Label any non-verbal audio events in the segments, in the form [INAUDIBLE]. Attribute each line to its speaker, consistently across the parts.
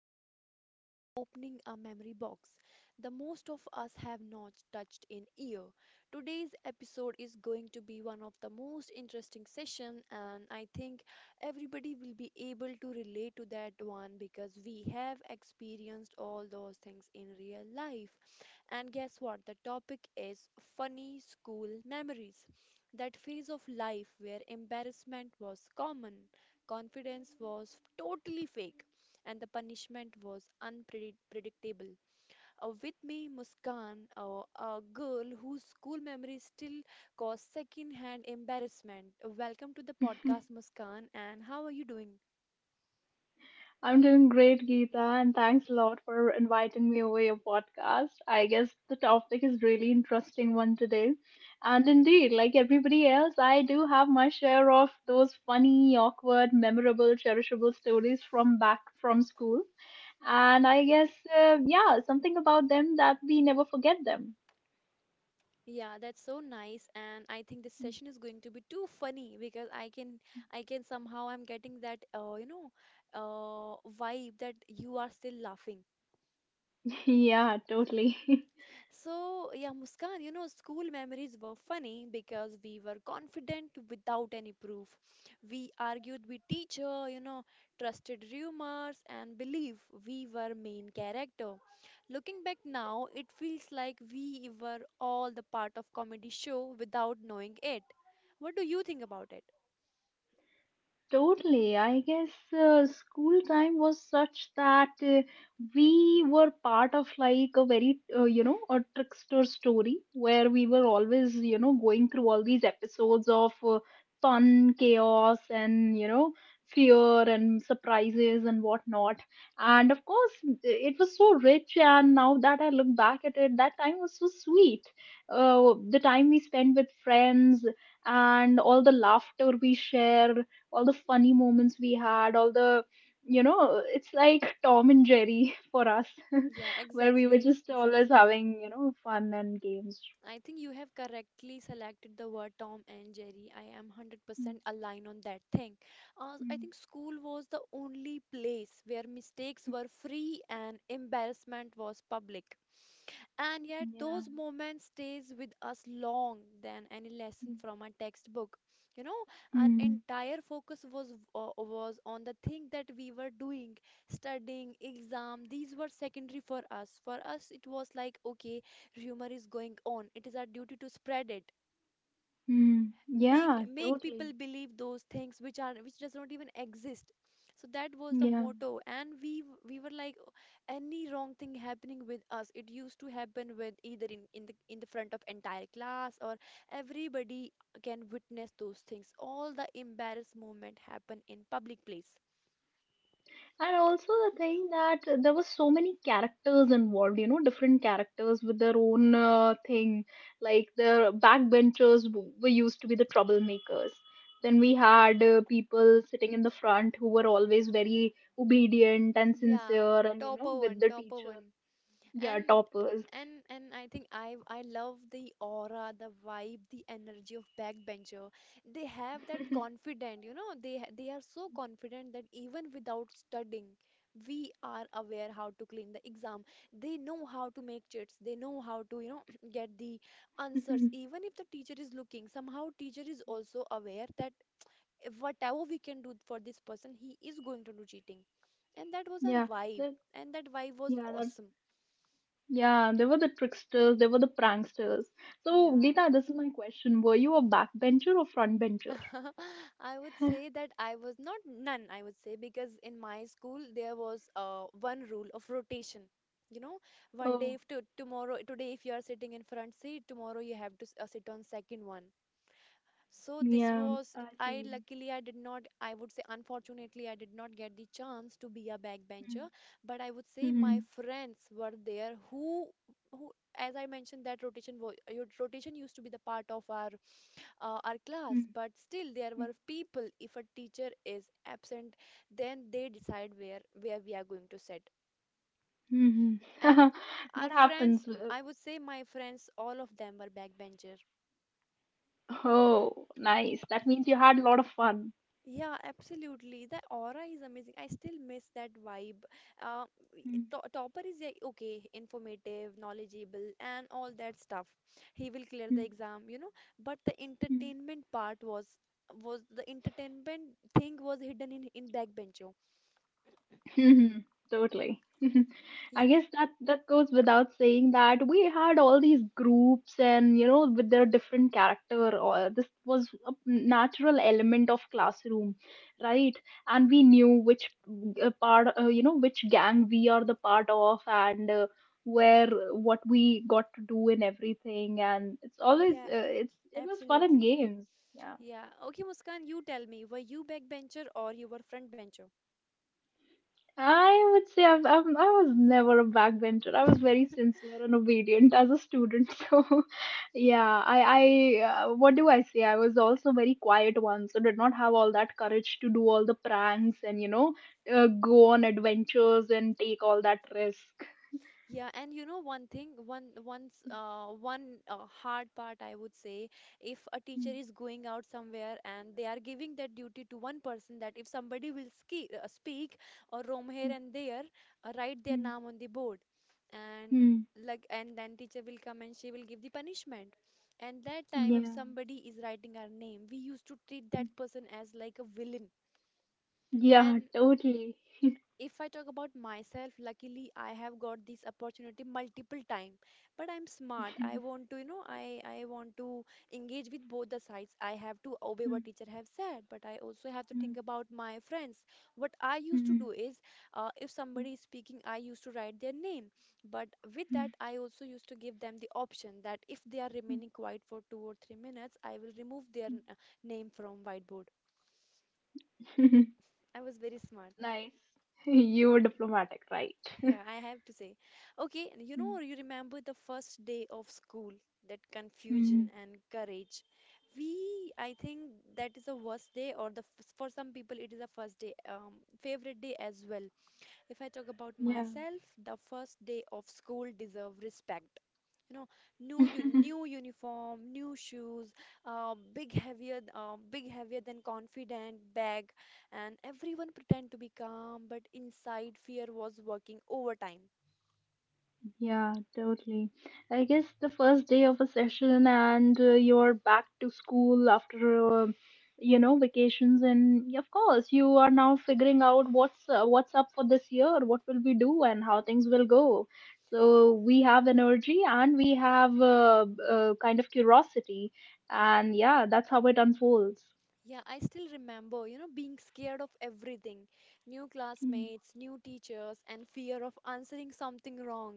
Speaker 1: where today we are opening a memory box the most of us have not touched in year. Today's episode is going to be one of the most interesting session, and I think everybody will be able to relate to that one because we have experienced all those things in real life. And guess what? The topic is funny school memories. That phase of life where embarrassment was common, confidence was totally fake, and the punishment was unpredictable. With me, Muskan, a girl whose school memories still cause second hand embarrassment. Welcome to the podcast,
Speaker 2: [LAUGHS]
Speaker 1: Muskan, and how are you doing?
Speaker 2: I'm doing great, Geeta, and thanks a lot for inviting me over your podcast. I guess the topic is really interesting one today. And indeed, like everybody else, I do have my share of those funny, awkward, memorable, cherishable stories from back from school. And I guess, yeah, something about them that we never forget them.
Speaker 1: Yeah, that's so nice, and I think this session is going to be too funny because I can somehow I'm getting that, vibe that you are still laughing.
Speaker 2: [LAUGHS] Yeah, totally.
Speaker 1: So, yeah, Muskan, you know, school memories were funny because we were confident without any proof. We argued with teacher, you know, trusted rumors and believe we were main character. Looking back now, it feels like we were all the part of comedy show without knowing it. What do you think about it?
Speaker 2: Totally. I guess school time was such that we were part of like a very, a trickster story where we were always, you know, going through all these episodes of fun, chaos, and, you know, fear and surprises and whatnot. And of course, it was so rich. And now that I look back at it, that time was so sweet. The time we spent with friends and all the laughter we share all the funny moments we had, all the it's like Tom and Jerry [LAUGHS] for us,
Speaker 1: Yeah,
Speaker 2: [LAUGHS] where we were
Speaker 1: exactly,
Speaker 2: just always
Speaker 1: exactly.
Speaker 2: having fun and games.
Speaker 1: I think you have correctly selected the word Tom and Jerry. I am
Speaker 2: Mm.
Speaker 1: 100% aligned on that thing. I
Speaker 2: Mm.
Speaker 1: think school was the only place where mistakes were free and embarrassment was public. And yet
Speaker 2: Yeah.
Speaker 1: those moments stays with us long than any lesson
Speaker 2: Mm.
Speaker 1: from a textbook. You know, our
Speaker 2: Mm.
Speaker 1: entire focus was was on the thing that we were doing, studying, exam. These were secondary for us. For us, it was like, okay, rumor is going on. It is our duty to spread it,
Speaker 2: Mm.
Speaker 1: make
Speaker 2: Yeah,
Speaker 1: make
Speaker 2: totally.
Speaker 1: people believe those things which are which does not even exist. So that was the
Speaker 2: Yeah.
Speaker 1: motto and we we were like, "Oh, any wrong thing happening with us, it used to happen with either in the front of entire class or everybody can witness those things. All the embarrassed moment happen in public place."
Speaker 2: And also the thing that there were so many characters involved, you know, different characters with their own thing. Like the backbenchers were used to be the troublemakers. Then we had people sitting in the front who were always very obedient and
Speaker 1: Yeah,
Speaker 2: sincere, and you know,
Speaker 1: topper
Speaker 2: with
Speaker 1: one,
Speaker 2: the
Speaker 1: topper
Speaker 2: teacher,
Speaker 1: one.
Speaker 2: yeah,
Speaker 1: and
Speaker 2: toppers.
Speaker 1: and I think I love the aura, the vibe, the energy of backbencher. They have that confident, you know, they are so confident that even without studying we are aware how to clean the exam. They know how to make cheats, they know how to, you know, [CLEARS THROAT] get the answers.
Speaker 2: [LAUGHS]
Speaker 1: Even if the teacher is looking, somehow teacher is also aware that whatever we can do for this person, he is going to do cheating. And that was our
Speaker 2: Yeah,
Speaker 1: vibe.
Speaker 2: the,
Speaker 1: And that vibe was
Speaker 2: yeah,
Speaker 1: awesome.
Speaker 2: yeah. They were the tricksters. They were the pranksters. So,
Speaker 1: Yeah.
Speaker 2: Geeta, this is my question: were you a backbencher or frontbencher?
Speaker 1: [LAUGHS] I would say
Speaker 2: [LAUGHS]
Speaker 1: that I was not none, I would say, because in my school there was one rule of rotation. You know, one day
Speaker 2: Oh.
Speaker 1: if to, tomorrow today if you are sitting in front seat, tomorrow you have to sit on second one. So this
Speaker 2: Yeah,
Speaker 1: was,
Speaker 2: I
Speaker 1: I
Speaker 2: see.
Speaker 1: luckily, I did not, I would say unfortunately I did not get the chance to be a backbencher, but I would say my
Speaker 2: Mm.
Speaker 1: friends were there who, as I mentioned, that rotation used to be the part of our class,
Speaker 2: [LAUGHS]
Speaker 1: but still there were people. If a teacher is absent, then they decide where we are going to sit.
Speaker 2: Mhm.
Speaker 1: And
Speaker 2: That
Speaker 1: our friends,
Speaker 2: happens.
Speaker 1: I would say my friends, all of them were backbencher.
Speaker 2: Oh, nice. That means you had a lot of fun.
Speaker 1: Yeah, absolutely. The aura is amazing. I still miss that vibe. Uh, to topper is like, okay, informative, knowledgeable, and all that stuff. He will clear the exam, you know. But the
Speaker 2: Mm.
Speaker 1: entertainment part was the entertainment thing was hidden in backbencho.
Speaker 2: Mhm, totally. [LAUGHS] I guess that goes without saying that we had all these groups and you know with their different character or this was a natural element of classroom, right? And we knew which part which gang we are the part of and where what we got to do and everything, and it's always
Speaker 1: Yeah,
Speaker 2: it was fun and
Speaker 1: absolutely.
Speaker 2: games. Yeah.
Speaker 1: Yeah. Okay, Muskan, you tell me, were you backbencher or you were frontbencher?
Speaker 2: I would say I was never a backbencher. I was very sincere and obedient as a student. [LAUGHS] So, yeah, what do I say? I was also very quiet one, so did not have all that courage to do all the pranks and, you know, go on adventures and take all that risk.
Speaker 1: Yeah, and you know one thing, one once one hard part I would say, if a teacher
Speaker 2: [LAUGHS]
Speaker 1: is going out somewhere and they are giving that duty to one person, that if somebody will ski speak or roam here and there, write their
Speaker 2: Mm.
Speaker 1: name on the board, and
Speaker 2: Mm. Mm. Mm.
Speaker 1: like, and then teacher will come and she will give the punishment. And that time, if
Speaker 2: Yeah.
Speaker 1: somebody is writing our name, we used to treat
Speaker 2: Mm.
Speaker 1: that person as like a villain.
Speaker 2: Yeah,
Speaker 1: And
Speaker 2: totally. [LAUGHS]
Speaker 1: if I talk about myself, luckily I have got this opportunity multiple time. But I'm smart. I want to, you know, I want to engage with both the sides. I have to obey
Speaker 2: Mm.
Speaker 1: what teacher have said, but I also have to
Speaker 2: Mm.
Speaker 1: think about my friends. What I used to
Speaker 2: Mm.
Speaker 1: do is, if
Speaker 2: Mm.
Speaker 1: somebody is speaking, I used to write their name. But with that,
Speaker 2: Mm.
Speaker 1: I also used to give them the option that if they are
Speaker 2: Mm.
Speaker 1: remaining quiet for 2 or 3 minutes, I will remove their name from whiteboard.
Speaker 2: Mm.
Speaker 1: I was very smart.
Speaker 2: [LAUGHS] Nice. [LAUGHS] You were diplomatic, right?
Speaker 1: Yeah,
Speaker 2: [LAUGHS]
Speaker 1: I have to say. Okay, and you know,
Speaker 2: Mm.
Speaker 1: you remember the first day of school, that confusion
Speaker 2: Mm,
Speaker 1: and courage. I think that is the worst day, or the for some people it is the first day, favorite day as well. If I talk about
Speaker 2: yeah.
Speaker 1: myself, the first day of school deserve respect. You know, new
Speaker 2: [LAUGHS]
Speaker 1: uniform, new shoes, big heavier than confident bag, and everyone pretend to be calm, but inside fear was working overtime.
Speaker 2: Yeah, totally. I guess the first day of a session and you're back to school after you know vacations, and of course you are now figuring out what's up for this year, what will we do and how things will go. So we have energy and we have kind of curiosity, and yeah, that's how it unfolds.
Speaker 1: Yeah, I still remember, you know, being scared of everything. New
Speaker 2: Mm.
Speaker 1: classmates, new teachers, and fear of answering something wrong.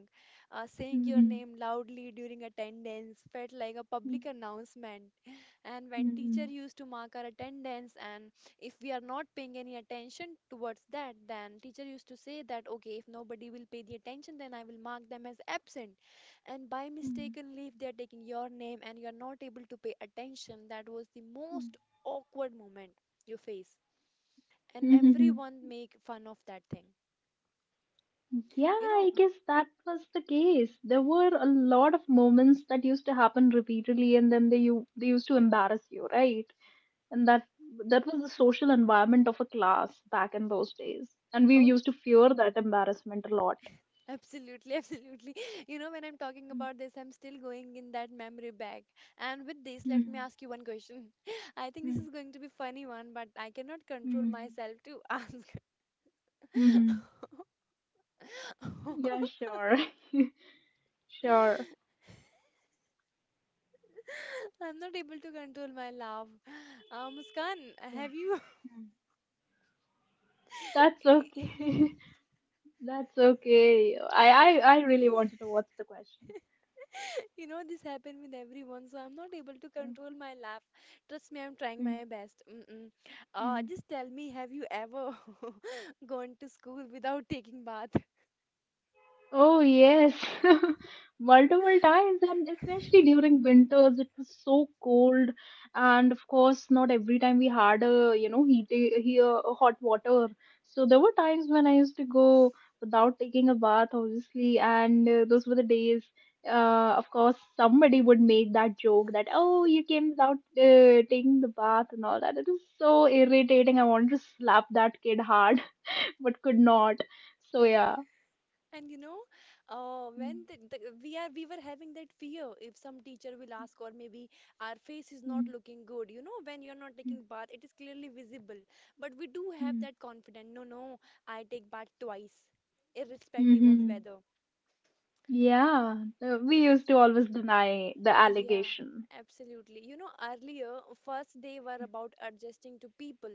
Speaker 1: Saying your
Speaker 2: Mhm.
Speaker 1: name loudly during attendance felt like a
Speaker 2: Mm.
Speaker 1: public announcement. [LAUGHS] And when teacher
Speaker 2: Mhm.
Speaker 1: used to mark our attendance, and if we are not paying any attention towards that, then teacher used to say that, okay, if nobody will pay the attention, then I will mark them as absent. And by
Speaker 2: Mm.
Speaker 1: mistakenly, if they are taking your name and you are not able to pay attention, that was the most awkward moment you face, and
Speaker 2: Mhm. [LAUGHS]
Speaker 1: everyone make fun of that thing,
Speaker 2: Yeah,
Speaker 1: you know.
Speaker 2: I guess that was the case. There were a lot of moments that used to happen repeatedly, and then they used to embarrass you, right? And that was the social environment of a class back in those days, and we
Speaker 1: Oh,
Speaker 2: used to fear that embarrassment a lot.
Speaker 1: absolutely. [LAUGHS] Absolutely. You know, when I'm talking about this, I'm still going in that memory bag. And with this, let me
Speaker 2: Mm-hmm.
Speaker 1: ask you one question. [LAUGHS] I think this is going to be funny one, but I cannot control myself to [LAUGHS] ask. [LAUGHS]
Speaker 2: Mm-hmm. Yeah, sure, [LAUGHS] sure.
Speaker 1: I'm not able to control my laugh. uh, muskan
Speaker 2: Yeah.
Speaker 1: have you
Speaker 2: Mm. That's okay. [LAUGHS]
Speaker 1: [LAUGHS]
Speaker 2: That's okay. I really wanted to watch the
Speaker 1: [LAUGHS]
Speaker 2: question.
Speaker 1: you know, this happened with everyone, so I'm not able to
Speaker 2: Mm.
Speaker 1: control my laugh. Trust me, I'm trying
Speaker 2: Mm.
Speaker 1: my best. Mm-mm. Uh,
Speaker 2: Mm.
Speaker 1: just tell me, have you ever [LAUGHS] gone to school without taking bath?
Speaker 2: Oh, yes, [LAUGHS] multiple times, and especially during winters, it was so cold. And of course, not every time we had a, you know, heat here a hot water. So there were times when I used to go without taking a bath, obviously, and those were the days. Of course, somebody would make that joke that, oh, you came without taking the bath and all that. It was so irritating. I wanted to slap that kid hard, [LAUGHS] but could not. So yeah.
Speaker 1: And you know,
Speaker 2: Mm.
Speaker 1: when the, we are we were having that fear, if some teacher will ask, or maybe our face is not
Speaker 2: Mm.
Speaker 1: looking good. You know, when you're not taking bath, it is clearly visible. But we do have
Speaker 2: Mm.
Speaker 1: that confidence. No, no, I take bath twice, irrespective of
Speaker 2: Mm-hmm.
Speaker 1: weather.
Speaker 2: Yeah, we used to always deny the
Speaker 1: Yeah,
Speaker 2: allegation.
Speaker 1: absolutely. You know, earlier, first day were about adjusting to people.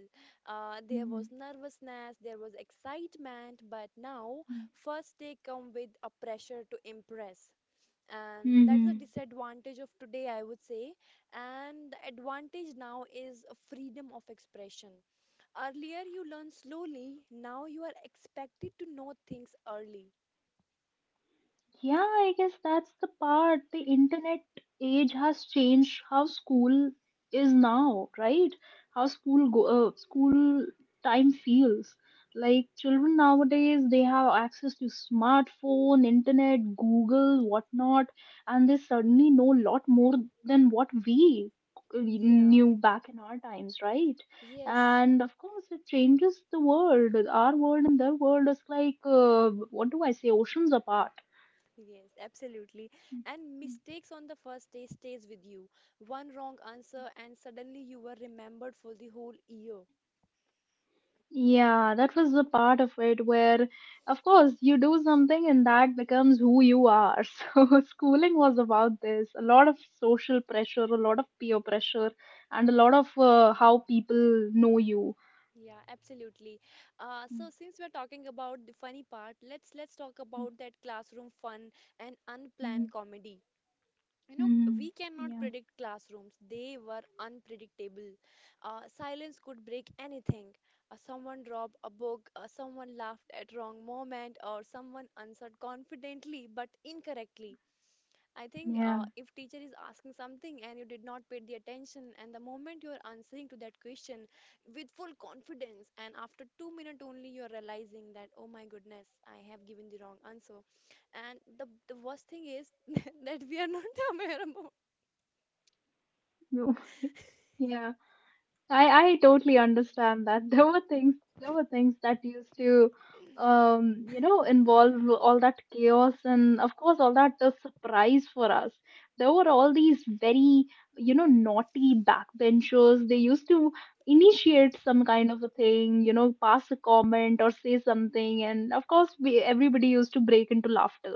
Speaker 1: There was nervousness, there was excitement, but now first day come with a pressure to impress. And that's the
Speaker 2: Mm-hmm.
Speaker 1: disadvantage of today, I would say. And the advantage now is a freedom of expression. Earlier you learn slowly, now you are expected to know things early.
Speaker 2: Yeah, I guess that's the part. The internet age has changed how school is now, right? How school go, school time feels. Like children nowadays, they have access to smartphone, internet, Google, whatnot, and they suddenly know a lot more than what we
Speaker 1: Yeah,
Speaker 2: knew back in our times, right?
Speaker 1: yes.
Speaker 2: And of course, it changes the world. Our world and their world is like, what do I say, oceans apart.
Speaker 1: Yes, absolutely. And mistakes on the first day stays with you. One wrong answer and suddenly you were remembered for the whole year.
Speaker 2: Yeah, that was the part of it where, of course, you do something and that becomes who you are. [LAUGHS] So, schooling was about this a lot of social pressure, a lot of peer pressure, and a lot of how people know you.
Speaker 1: Yeah, absolutely. Uh,
Speaker 2: Mm.
Speaker 1: so since we're talking about the funny part, let's talk about that classroom fun and
Speaker 2: Mm.
Speaker 1: unplanned comedy. You know,
Speaker 2: Mm. Mm.
Speaker 1: we cannot
Speaker 2: Yeah,
Speaker 1: predict classrooms. They were unpredictable. Silence could break anything. Someone dropped a book, someone laughed at wrong moment, or someone answered confidently but incorrectly. I think
Speaker 2: yeah.
Speaker 1: if teacher is asking something and you did not pay the attention, and the moment you are answering to that question with full confidence, and after 2 minutes only you are realizing that, oh my goodness, I have given the wrong answer, and the worst thing is [LAUGHS] that we are not [LAUGHS] aware about.
Speaker 2: [LAUGHS] Yeah, I totally understand that. [LAUGHS] There were things that used to involve all that chaos, and of course all that surprise for us. There were all these very naughty backbenchers. They used to initiate some kind of a thing, you know, pass a comment or say something, and of course we everybody used to break into laughter,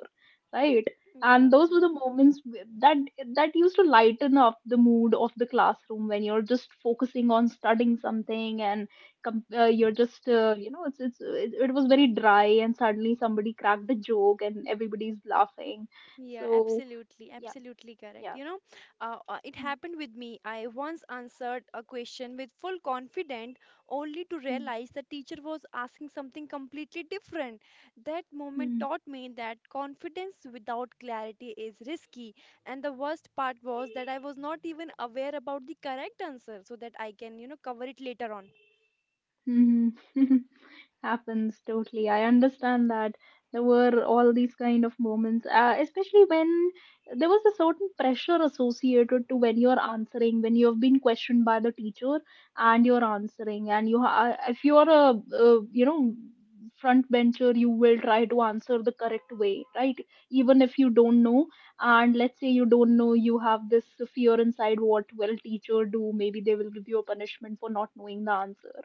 Speaker 2: right? And those were the moments that used to lighten up the mood of the classroom when you're just focusing on studying something, and you're just you know it was very dry, and suddenly somebody cracked a joke and everybody's laughing,
Speaker 1: Yeah,
Speaker 2: so
Speaker 1: absolutely,
Speaker 2: yeah,
Speaker 1: absolutely correct.
Speaker 2: yeah.
Speaker 1: You know, it happened with me. I once answered a question with full confidence, only to
Speaker 2: Mm.
Speaker 1: realize the teacher was asking something completely different. That moment
Speaker 2: Mm.
Speaker 1: taught me that confidence without clarity is risky. And the worst part was that I was not even aware about the correct answer so that I can, you know, cover it later on.
Speaker 2: Mm. Mhm. [LAUGHS] Happens totally, I understand that. There were all these kind of moments especially when there was a certain pressure associated to when you're answering, when you have been questioned by the teacher and you're answering, and if you're a you know front bencher, you will try to answer the correct way, right? Even if you don't know, and let's say you don't know, you have this fear inside: what will teacher do? Maybe they will give you a punishment for not knowing the answer.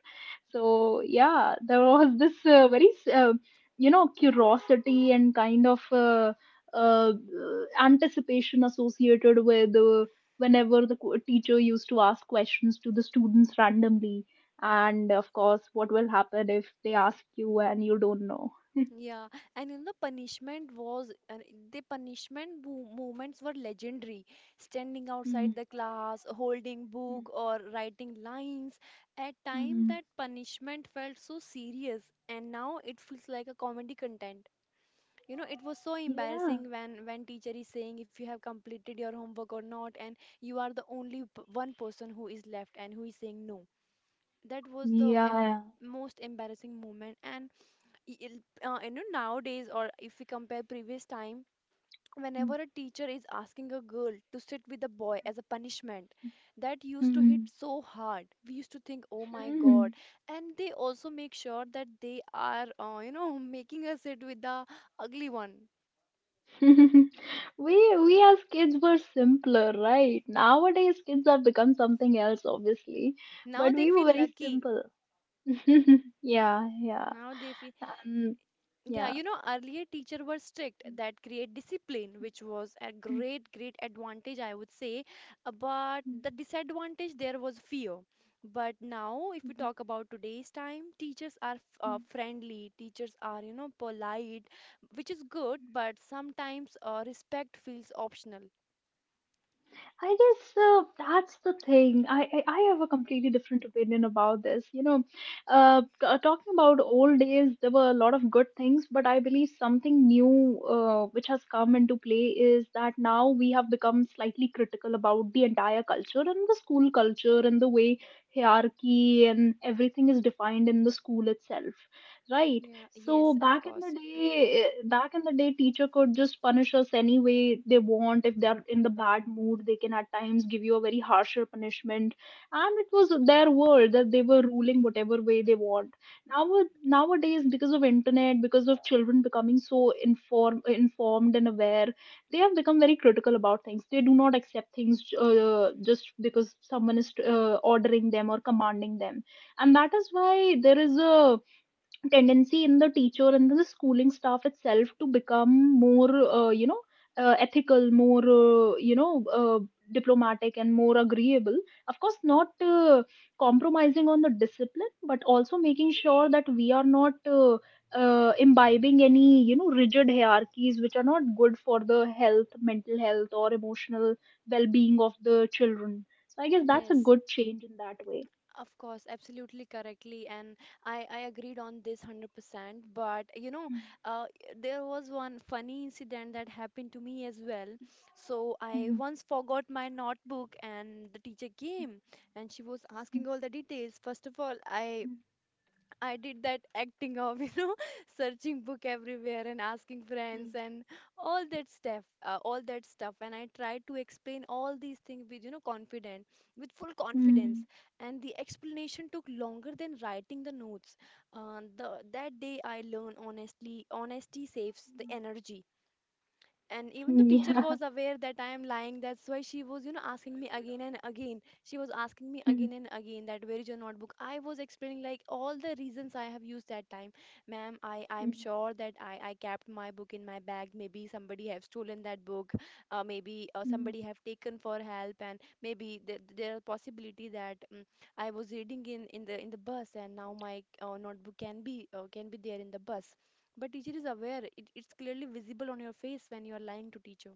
Speaker 2: So yeah, there was this very you know curiosity and kind of uh, anticipation associated with whenever the teacher used to ask questions to the students randomly, and of course, what will happen if they ask you and you don't know?
Speaker 1: Yeah, and in the punishment was, and the punishment movements were legendary. Standing
Speaker 2: Mm-hmm.
Speaker 1: outside the class, holding book or writing lines. At time that punishment felt so serious, and now it feels like a comedy content. You know, it was so
Speaker 2: Yeah.
Speaker 1: embarrassing when teacher is saying if you have completed your homework or not, and you are the only one person who is left and who is saying no. That was the
Speaker 2: Yeah.
Speaker 1: most embarrassing moment, and nowadays, or if we compare previous time,
Speaker 2: Yeah.
Speaker 1: whenever a teacher is asking a girl to sit with a boy as a punishment, that used to hit so hard. We used to think, oh my
Speaker 2: Mhm.
Speaker 1: god. And they also make sure that they are [LAUGHS] making us sit with the ugly one.
Speaker 2: [LAUGHS] we we as kids were simpler, right? Nowadays kids have become something else, obviously,
Speaker 1: Now
Speaker 2: but
Speaker 1: they
Speaker 2: we were
Speaker 1: feel
Speaker 2: very
Speaker 1: lucky.
Speaker 2: simple. [LAUGHS] Yeah, yeah,
Speaker 1: Now they feel...
Speaker 2: um,
Speaker 1: Yeah,
Speaker 2: yeah.
Speaker 1: you know, earlier teacher were strict that create discipline, which was a great, great advantage, I would say. But the disadvantage there was fear. But now, if we talk about today's time, teachers are
Speaker 2: [LAUGHS]
Speaker 1: friendly, teachers are, you know, polite, which is good, but sometimes respect feels optional.
Speaker 2: I guess that's the thing. I have a completely different opinion about this. You know, talking about old days, there were a lot of good things, but I believe something new which has come into play is that now we have become slightly critical about the entire culture and the school culture and the way hierarchy and everything is defined in the school itself, right?
Speaker 1: Yeah,
Speaker 2: So
Speaker 1: yes, of
Speaker 2: back in the
Speaker 1: course.
Speaker 2: day, teacher could just punish us any way they want. If they're in the bad mood, they can at times give you a very harsher punishment. And it was their world that they were ruling whatever way they want. Now Nowadays, because of internet, because of children becoming so informed and aware, they have become very critical about things. They do not accept things just because someone is ordering them or commanding them, and that is why there is a tendency in the teacher and the schooling staff itself to become more you know ethical, more you know diplomatic and more agreeable, of course not compromising on the discipline but also making sure that we are not imbibing any you know rigid hierarchies which are not good for the health, mental health or emotional well-being of the children, so I guess that's a
Speaker 1: Yes.
Speaker 2: good change in that way.
Speaker 1: Of course, absolutely correctly, and I agreed on this 100%. But you know,
Speaker 2: Hmm.
Speaker 1: uh, there was one funny incident that happened to me as well. So I
Speaker 2: Hmm.
Speaker 1: once forgot my notebook, and the teacher came and she was
Speaker 2: Hmm.
Speaker 1: asking all the details. First of all, I did that acting of, you know, [LAUGHS] searching book everywhere and asking
Speaker 2: Hmm.
Speaker 1: friends and all that stuff, all that stuff. And I tried to explain all these things with, you know, confident, with full confidence.
Speaker 2: Hmm.
Speaker 1: And the explanation took longer than writing the notes. The that day I learned, honestly, honesty saves the
Speaker 2: Hmm.
Speaker 1: energy. And even the teacher
Speaker 2: Yeah.
Speaker 1: was aware that I am lying. That's why she was, you know, asking me again and again. She was asking me again
Speaker 2: [LAUGHS]
Speaker 1: and again that where is your notebook. I was explaining like all the reasons I have used that time. Ma'am, I'm sure that I kept my book in my bag. Maybe somebody have stolen that book. Maybe somebody have taken for help. And maybe there are possibility that I was reading in in the bus, and now my notebook can be there in the bus. But teacher is aware. It's clearly visible on your face when you are lying to teacher.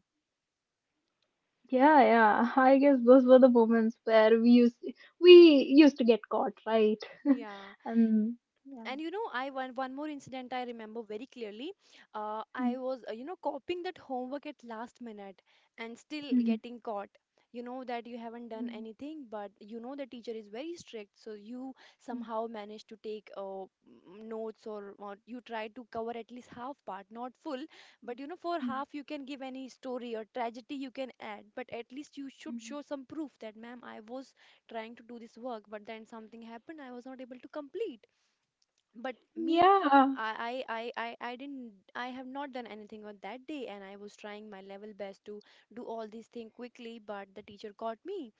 Speaker 2: Yeah, yeah. I guess those were the moments where we used to get caught, right? [LAUGHS]
Speaker 1: Yeah.
Speaker 2: And yeah.
Speaker 1: And you know, one more incident I remember very clearly. I was you know, copying that homework at last minute, and still getting caught. You know that you haven't done anything, but you know the teacher is very strict, so you somehow manage to take notes, or you try to cover at least half part, not full. But you know, for half you can give any story or tragedy you can add, but at least you should show some
Speaker 2: [LAUGHS]
Speaker 1: proof that, ma'am, I was trying to do this work, but then something happened, I was not able to complete. But me,
Speaker 2: Yeah.
Speaker 1: I didn't, I have not done anything on that day, and I was trying my level best to do all these things quickly, but the teacher got me.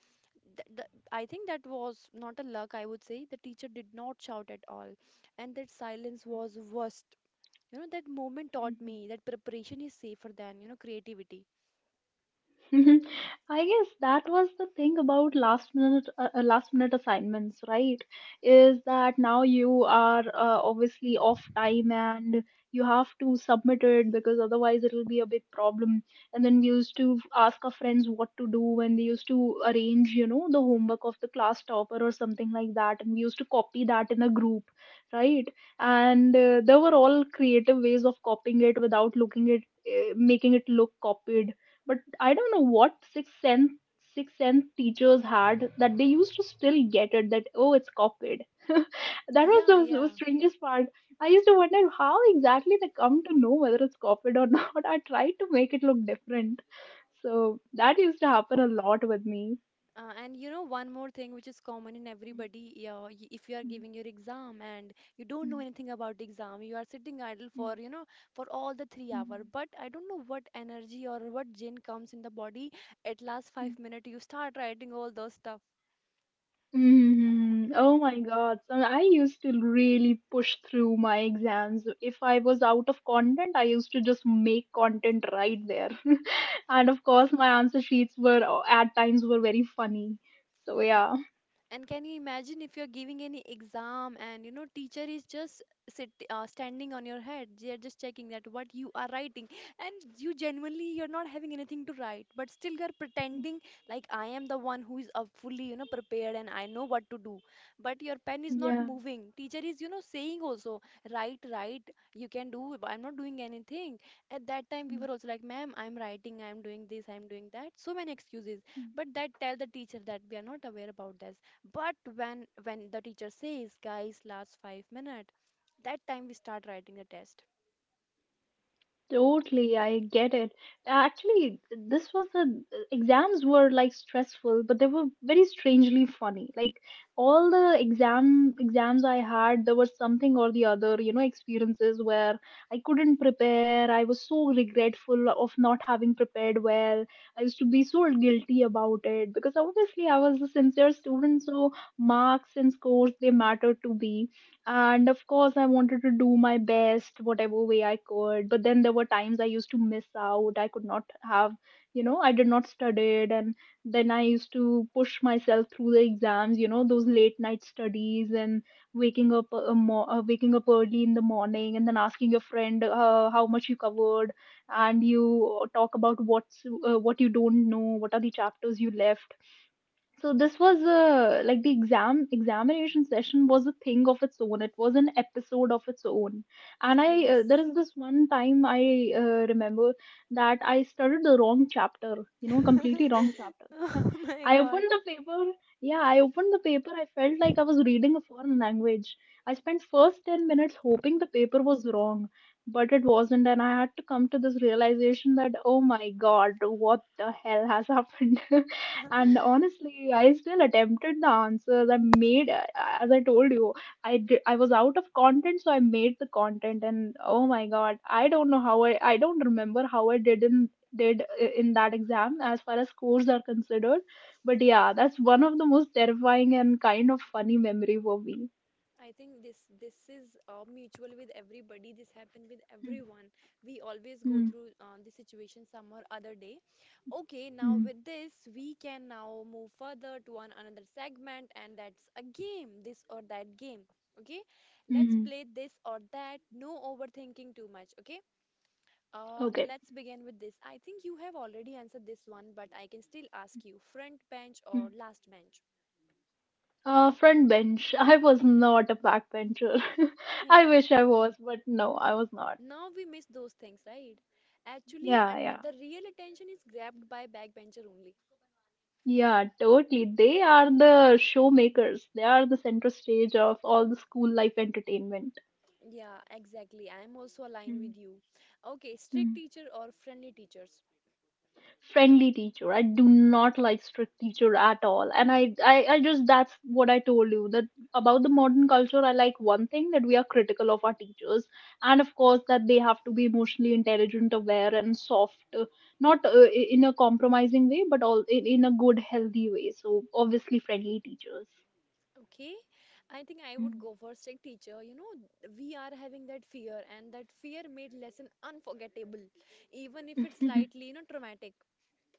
Speaker 1: Th th I think that was not a luck, I would say. The teacher did not shout at all, and that silence was worst. You know, that moment taught me that preparation is safer than, you know, creativity.
Speaker 2: [LAUGHS] I guess that was the thing about last minute assignments, right? Is that now you are obviously off time, and you have to submit it because otherwise it will be a big problem. And then we used to ask our friends what to do when they used to arrange, you know, the homework of the class topper or something like that. And we used to copy that in a group, right? And there were all creative ways of copying it without looking it, making it look copied, but I don't know what sixth sense teachers had that they used to still get it that oh it's copied. [LAUGHS] That was
Speaker 1: Yeah,
Speaker 2: the
Speaker 1: yeah.
Speaker 2: strangest part. I used to wonder how exactly they come to know whether it's copied or [LAUGHS] not. I tried to make it look different, so that used to happen a lot with me.
Speaker 1: And you know, one more thing which is common in everybody, if you are giving your exam and you don't know anything about exam, you are sitting idle for, you know, for all the 3 hour. But I don't know what energy or what gin comes in the body. At last 5 minute, you start writing all those stuff.
Speaker 2: Mhm. Oh my God. So I used to really push through my exams. If I was out of content, I used to just make content right there. [LAUGHS] And of course, my answer sheets were at times were very funny. So yeah.
Speaker 1: And can you imagine if you're giving any exam and you know teacher is just sit standing on your head. They are just checking that what you are writing, and you genuinely you're not having anything to write, but still you're pretending like I am the one who is fully, you know, prepared, and I know what to do. But your pen is not
Speaker 2: Yeah.
Speaker 1: moving. Teacher is, you know, saying also, write, write, you can do. I'm not doing anything. At that time we
Speaker 2: Mm-hmm.
Speaker 1: were also like, ma'am, I'm writing, I'm doing this, I'm doing that. So many excuses. But that tell the teacher that we are not aware about this. But when the teacher says, guys, last 5 minutes, that time we start writing the test.
Speaker 2: Totally, I get it. Actually, this was the exams were like stressful, but they were very strangely funny. Like all the exams I had, there was something or the other, you know, experiences where I couldn't prepare. I was so regretful of not having prepared well. I used to be so guilty about it because obviously I was a sincere student, so marks and scores they mattered to me, and of course I wanted to do my best whatever way I could. But then there were times I used to miss out, I could not have, you know, I did not study, and then I used to push myself through the exams, you know, those late night studies and waking up waking up early in the morning and then asking your friend how much you covered, and you talk about what you don't know, what are the chapters you left. So this was a like the examination session was a thing of its own. It was an episode of its own. And I
Speaker 1: Yes.
Speaker 2: there is this one time I remember that I studied the wrong chapter, you know, completely
Speaker 1: [LAUGHS]
Speaker 2: wrong chapter. [LAUGHS]
Speaker 1: Oh my
Speaker 2: I
Speaker 1: God.
Speaker 2: opened the paper. Yeah, I opened the paper. I felt like I was reading a foreign language. I spent first 10 minutes hoping the paper was wrong, but it wasn't, and I had to come to this realization that, oh my god, what the hell has happened? [LAUGHS] And honestly, I still attempted the answers I made. As I told you, I did, I was out of content, so I made the content. And oh my God, I don't know how I don't remember how I did in that exam as far as scores are considered. But yeah, that's one of the most terrifying and kind of funny memory for me.
Speaker 1: I think this is mutual with everybody. This happened with
Speaker 2: Hmm.
Speaker 1: everyone. We always go
Speaker 2: Hmm.
Speaker 1: through this situation some or other day. Okay, now
Speaker 2: Hmm.
Speaker 1: with this, we can now move further to one another segment, and that's a game, this or that game. Okay, let's
Speaker 2: Hmm.
Speaker 1: play this or that. No overthinking too much. Okay.
Speaker 2: Okay.
Speaker 1: Let's begin with this. I think you have already answered this one, but I can still ask you, front bench
Speaker 2: Hmm.
Speaker 1: or last bench?
Speaker 2: Front bench. [LAUGHS] I was not a backbencher. [LAUGHS] I
Speaker 1: Hmm.
Speaker 2: wish I was, but no, I was not.
Speaker 1: Now we miss those things, right? Actually,
Speaker 2: Yeah, yeah.
Speaker 1: the real attention is grabbed by backbencher only.
Speaker 2: Yeah, totally. They are the showmakers. They are the center stage of all the school life entertainment.
Speaker 1: Yeah, exactly. I'm also aligned
Speaker 2: Mm,
Speaker 1: with you. Okay, strict
Speaker 2: mm.
Speaker 1: teacher or friendly teachers?
Speaker 2: Friendly teacher. I do not like strict teacher at all. And I just that's what I told you that about the modern culture. I like one thing that we are critical of our teachers, and of course that they have to be emotionally intelligent, aware, and soft. Not in a compromising way, but in a good, healthy way. So obviously, friendly teachers.
Speaker 1: Okay, I think I would go for strict teacher. You know, we are having that fear, and that fear made lesson unforgettable, even if it's
Speaker 2: Mm.
Speaker 1: slightly, you know, traumatic.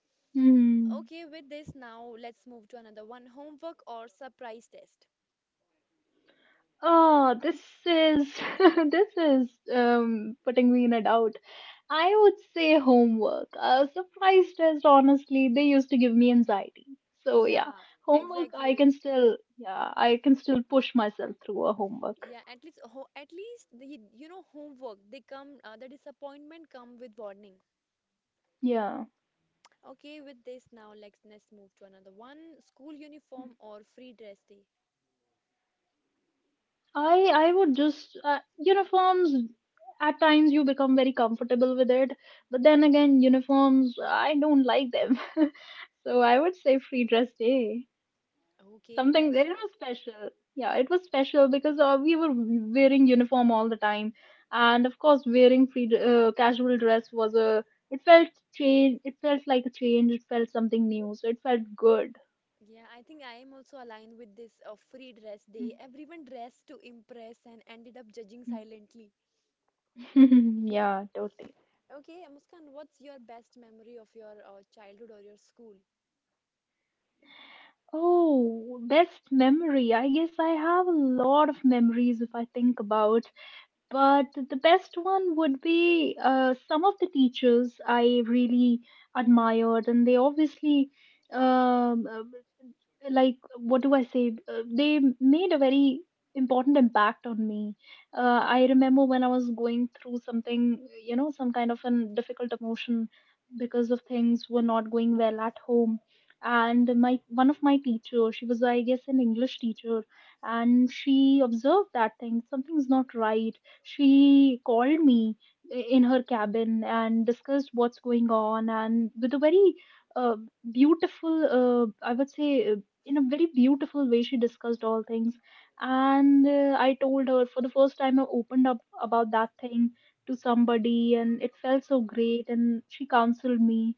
Speaker 2: [LAUGHS] Mm.
Speaker 1: Okay, with this now, let's move to another one, homework or surprise test.
Speaker 2: Oh, this is [LAUGHS] this is putting me in a doubt. I would say homework. A surprise test, honestly, they used to give me anxiety. So yeah,
Speaker 1: Yeah,
Speaker 2: homework I
Speaker 1: exactly.
Speaker 2: can still yeah, I can still push myself through a homework.
Speaker 1: Yeah, at least the you know homework they come the disappointment come with warning.
Speaker 2: Yeah.
Speaker 1: Okay, with this now, let's move to another one, school uniform or free dress day.
Speaker 2: I would just uniforms at times you become very comfortable with it, but then again uniforms I don't like them. [LAUGHS] So I would say free dress day.
Speaker 1: Okay,
Speaker 2: Something
Speaker 1: that's a,
Speaker 2: it was special. Yeah, it was special because we were wearing uniform all the time, and of course wearing free casual dress was a, it felt change, it felt like a change, it felt something new, so it felt good.
Speaker 1: yeah. I think I am also aligned with this free dress day. Everyone dressed to impress and ended up judging silently.
Speaker 2: [LAUGHS] Yeah, totally.
Speaker 1: Okay, Muskan, what's your best memory of your childhood or your school?
Speaker 2: Oh, best memory, I guess I have a lot of memories if I think about, but the best one would be some of the teachers I really admired, and they obviously um, uh, like what do I say, made a very important impact on me. I remember when I was going through something, you know, some kind of an difficult emotion because of things were not going well at home. And my one of my teacher, she was I guess an English teacher, and she observed that thing, something's not right. She called me in her cabin and discussed what's going on, and with a very uh, beautiful, I would say in a very beautiful way she discussed all things. And I told her for the first time, I opened up about that thing to somebody, and it felt so great, and she counseled me.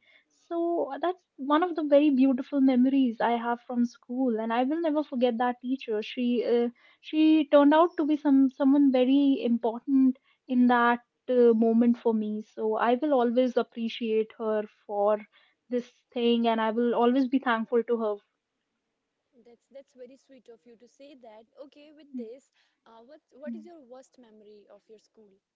Speaker 2: So that's one of the very beautiful memories I have from school, and I will never forget that teacher. Uh, she turned out to be someone very important in that moment for me, so I will always appreciate her for this thing, and I will always be thankful to her.
Speaker 1: That's very sweet of you to say that. Okay, with
Speaker 2: Hmm.
Speaker 1: this, what
Speaker 2: Mm.
Speaker 1: is your worst memory of your school?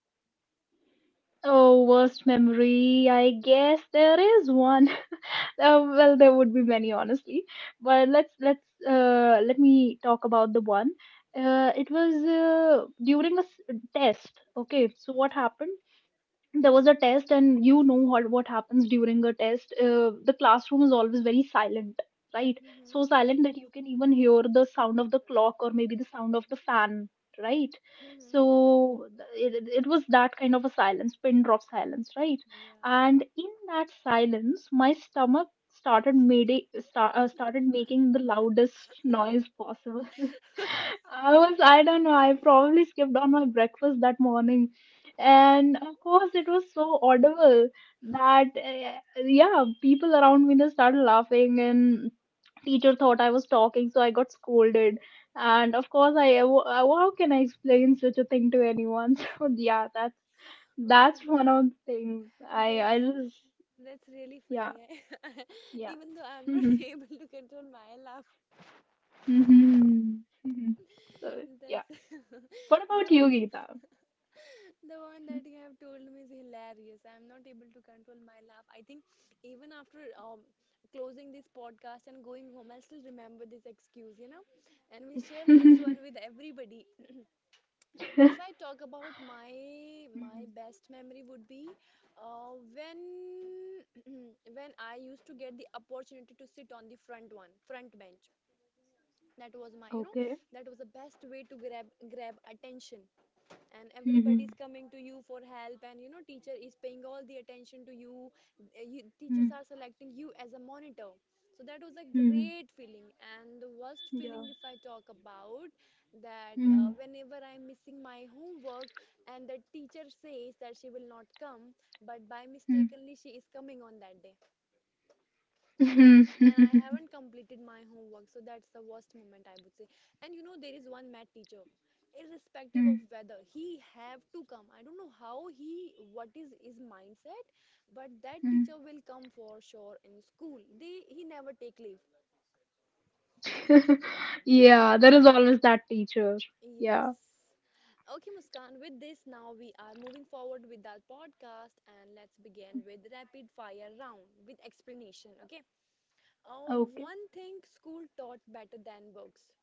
Speaker 2: Oh, worst memory. I guess there is one. [LAUGHS] Oh, well, there would be many, honestly. But let me talk about the one. It was during a test. Okay, so what
Speaker 1: Mm-hmm.
Speaker 2: happened? There was a test, and you know what happens during a test. The classroom is always very silent, right? So
Speaker 1: Mm-hmm.
Speaker 2: silent that you can even hear the sound of the clock, or maybe the sound of the fan, right?
Speaker 1: Hmm.
Speaker 2: It was that kind of a silence, pin drop silence, right?
Speaker 1: Yeah.
Speaker 2: And in that silence my stomach started made it, sta- started making the loudest noise possible. I was, I don't know, I probably skipped on my breakfast that morning. And of course, it was so audible that, yeah, people around me just started laughing, and teacher thought I was talking, so I got scolded. And of course, how can I explain such a thing to anyone? [LAUGHS] So, yeah,
Speaker 1: Oh my
Speaker 2: that's one
Speaker 1: God,
Speaker 2: of the things.
Speaker 1: that's that's really
Speaker 2: Yeah,
Speaker 1: funny. I, [LAUGHS]
Speaker 2: yeah.
Speaker 1: even though I'm not [LAUGHS]
Speaker 2: [LAUGHS] Mhm,
Speaker 1: able to control my laugh,
Speaker 2: mhm, mhm. So, yeah.
Speaker 1: that's
Speaker 2: What
Speaker 1: [LAUGHS] you
Speaker 2: about
Speaker 1: know...
Speaker 2: you, Geeta?
Speaker 1: The one that you have told me is hilarious. I am not able to control my laugh. I think even after closing this podcast and going home, I'll still remember this excuse, you know. And we share this
Speaker 2: [LAUGHS]
Speaker 1: one with everybody. [CLEARS THROAT] If I talk about my
Speaker 2: Mhm.
Speaker 1: best memory would be when [CLEARS THROAT] when I used to get the opportunity to sit on the front one, front bench. That was my, you know,
Speaker 2: Okay.
Speaker 1: that was the best way to grab attention, and everybody's
Speaker 2: Mhm.
Speaker 1: coming to you for help, and you know teacher is paying all the attention to you. You teachers
Speaker 2: Mhm.
Speaker 1: are selecting you as a monitor, so that was a
Speaker 2: Mhm.
Speaker 1: great feeling. And the worst
Speaker 2: Yeah.
Speaker 1: feeling, if I talk about that,
Speaker 2: Mhm.
Speaker 1: whenever I'm missing my homework and the teacher says that she will not come, but by
Speaker 2: Mhm.
Speaker 1: mistakenly she is coming on that day,
Speaker 2: Mhm.
Speaker 1: and I
Speaker 2: [LAUGHS]
Speaker 1: haven't completed my homework. So that's the worst moment I would say. And you know, there is one math teacher, irrespective
Speaker 2: Mm.
Speaker 1: of whether he have to come. I don't know how he what is his mindset, but that
Speaker 2: Mm.
Speaker 1: teacher will come for sure in school. They He never take leave.
Speaker 2: [LAUGHS] Yeah, there is always that teacher.
Speaker 1: Yes.
Speaker 2: Yeah.
Speaker 1: Okay, Muskan, with this, now we are moving forward with our podcast, and let's begin with rapid fire round with explanation. Okay,
Speaker 2: Okay.
Speaker 1: one thing school taught better than books.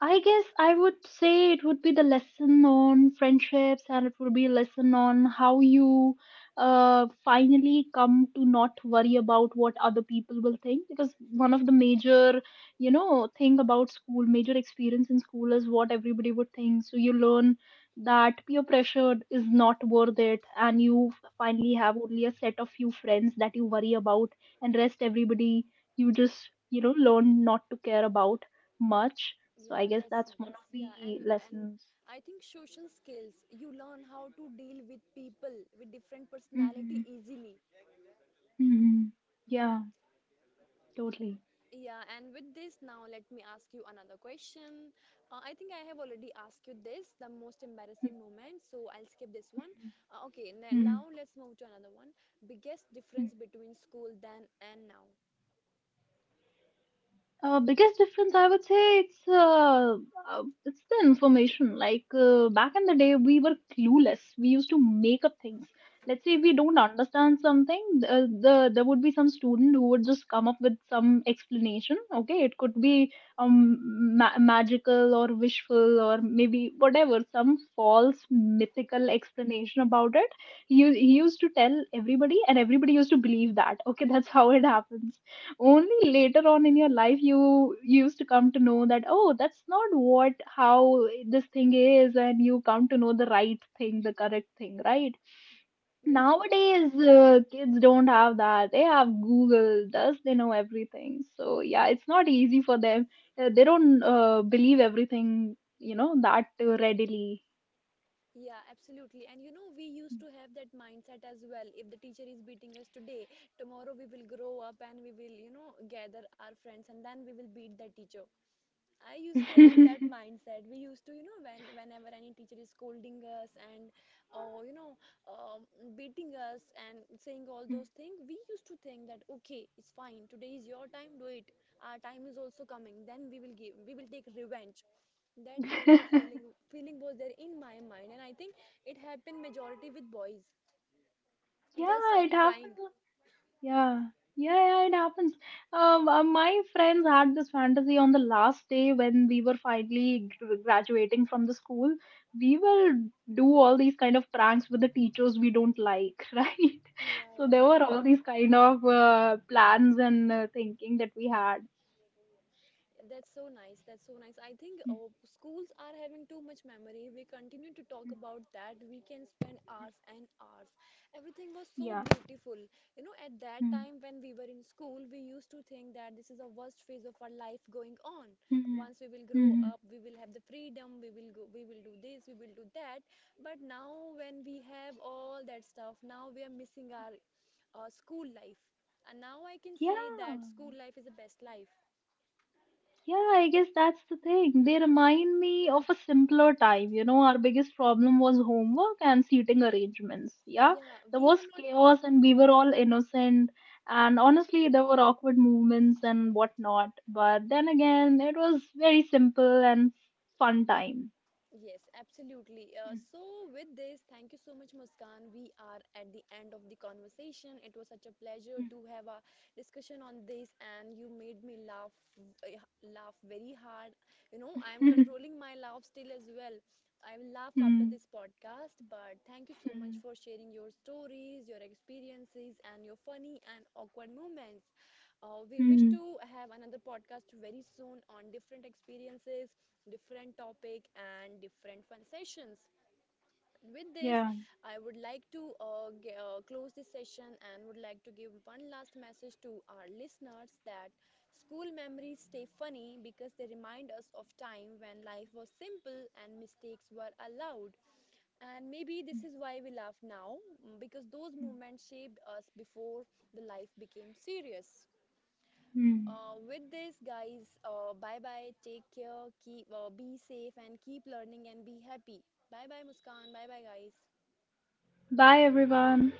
Speaker 2: I guess I would say it would be the lesson on friendships, and it would be a lesson on how you finally come to not worry about what other people will think, because one of the major, you know, thing about school, major experience in school is what everybody would think. So you learn that peer pressure is not worth it, and you finally have only a set of few friends that you worry about, and rest everybody you just, you know, learn not to care about much. So I
Speaker 1: Yeah,
Speaker 2: guess
Speaker 1: that's
Speaker 2: that's one of
Speaker 1: nice. Yeah,
Speaker 2: the
Speaker 1: and
Speaker 2: lessons.
Speaker 1: I think social skills, you learn how to deal with people with different
Speaker 2: Mm-hmm.
Speaker 1: personality easily.
Speaker 2: Mm-hmm. Yeah. Totally.
Speaker 1: Yeah, and with this now let me ask you another question. I think I have already asked you this, the most embarrassing moment, so I'll skip this one. Okay, now,
Speaker 2: Mm-hmm.
Speaker 1: now let's move to another one. Biggest difference between school then and now.
Speaker 2: Biggest difference, I would say, it's the information. Back in the day, we were clueless. We used to make up things. Let's say if we don't understand something, there would be some student who would just come up with some explanation. Okay, it could be magical or wishful, or maybe whatever some false mythical explanation about it. He used to tell everybody, and everybody used to believe that. Okay, [LAUGHS] that's how it happens. Only later on in your life you used to come to know that, oh, that's not what how this thing is, and you come to know the right thing, the correct thing, right?
Speaker 1: Yeah, yeah.
Speaker 2: Nowadays kids don't have that, they have Google, thus they know everything. So yeah, it's not easy for them. They don't believe everything, you know, that readily.
Speaker 1: Yeah, absolutely. And you know, we used to have that mindset as well. If the teacher is beating us today, tomorrow we will grow up and we will, you know, gather our friends and then we will beat the teacher. I used to have that mindset. We used to, you know, whenever any teacher is scolding us and, oh, you know, um, beating us and saying all those things, we used to think that okay, it's fine. Today is your time. Do it. Our time is also coming. Then we will give. We will take revenge. That kinds of feeling
Speaker 2: [LAUGHS]
Speaker 1: feeling was there in my mind, and I think it happened majority with boys, girls
Speaker 2: Yeah, it
Speaker 1: started crying.
Speaker 2: happens. Yeah, yeah, yeah, it happens. My friends had this fantasy on the last day when we were finally graduating from the school. We will do all these kind of pranks with the teachers we don't like, [LAUGHS] right?
Speaker 1: Yeah,
Speaker 2: So
Speaker 1: yeah.
Speaker 2: there were all these kind of plans and thinking that we had.
Speaker 1: That's so nice. That's so nice. I think
Speaker 2: Mm,
Speaker 1: schools are having too much memory. We continue to talk
Speaker 2: mm.
Speaker 1: about that. We can spend hours and hours. Everything was so
Speaker 2: Yeah.
Speaker 1: beautiful. You know, at that
Speaker 2: Mm,
Speaker 1: time when we were in school, we used to think that this is the worst phase of our life going on.
Speaker 2: mm,
Speaker 1: Once we will grow
Speaker 2: mm.
Speaker 1: up, we will have the freedom. We will go. We will do this. We will do that. But now, when we have all that stuff, now we are missing our school life. And now I can
Speaker 2: Yeah.
Speaker 1: say that school life is the best life.
Speaker 2: Yeah, I guess that's the thing. They remind me of a simpler time. You know, our biggest problem was homework and seating arrangements. Yeah,
Speaker 1: Yeah,
Speaker 2: there
Speaker 1: we
Speaker 2: was
Speaker 1: were not.
Speaker 2: chaos and we were all innocent. And
Speaker 1: Mhm.
Speaker 2: honestly, there were awkward movements and whatnot. But then again, it was very simple and fun time.
Speaker 1: Yes, absolutely. So, with this, thank you so much, Muskan. We are at the end of the conversation. It was such a pleasure to have a discussion on this, and you made me laugh, eh, laugh very hard. You know, I am
Speaker 2: [LAUGHS]
Speaker 1: controlling my laugh still as well. I will laugh
Speaker 2: Hmm,
Speaker 1: after
Speaker 2: hmm,
Speaker 1: this podcast, but thank you so much
Speaker 2: hmm.
Speaker 1: for sharing your stories, your experiences, and your funny and awkward moments. We wish
Speaker 2: Hmm,
Speaker 1: to have another podcast very soon on different experiences, different topic and different fun sessions. With this,
Speaker 2: yeah.
Speaker 1: I would like to close this session and would like to give one last message to our listeners that school memories stay funny because they remind us of time when life was simple and mistakes were allowed. And maybe this is why we laugh now, because those
Speaker 2: Hmm.
Speaker 1: moments shaped us before the life became serious.
Speaker 2: Hmm.
Speaker 1: With this, guys, bye bye. Take care. Keep be safe and keep learning and be happy. Bye bye, Muskan. Bye bye, guys.
Speaker 2: Bye, everyone.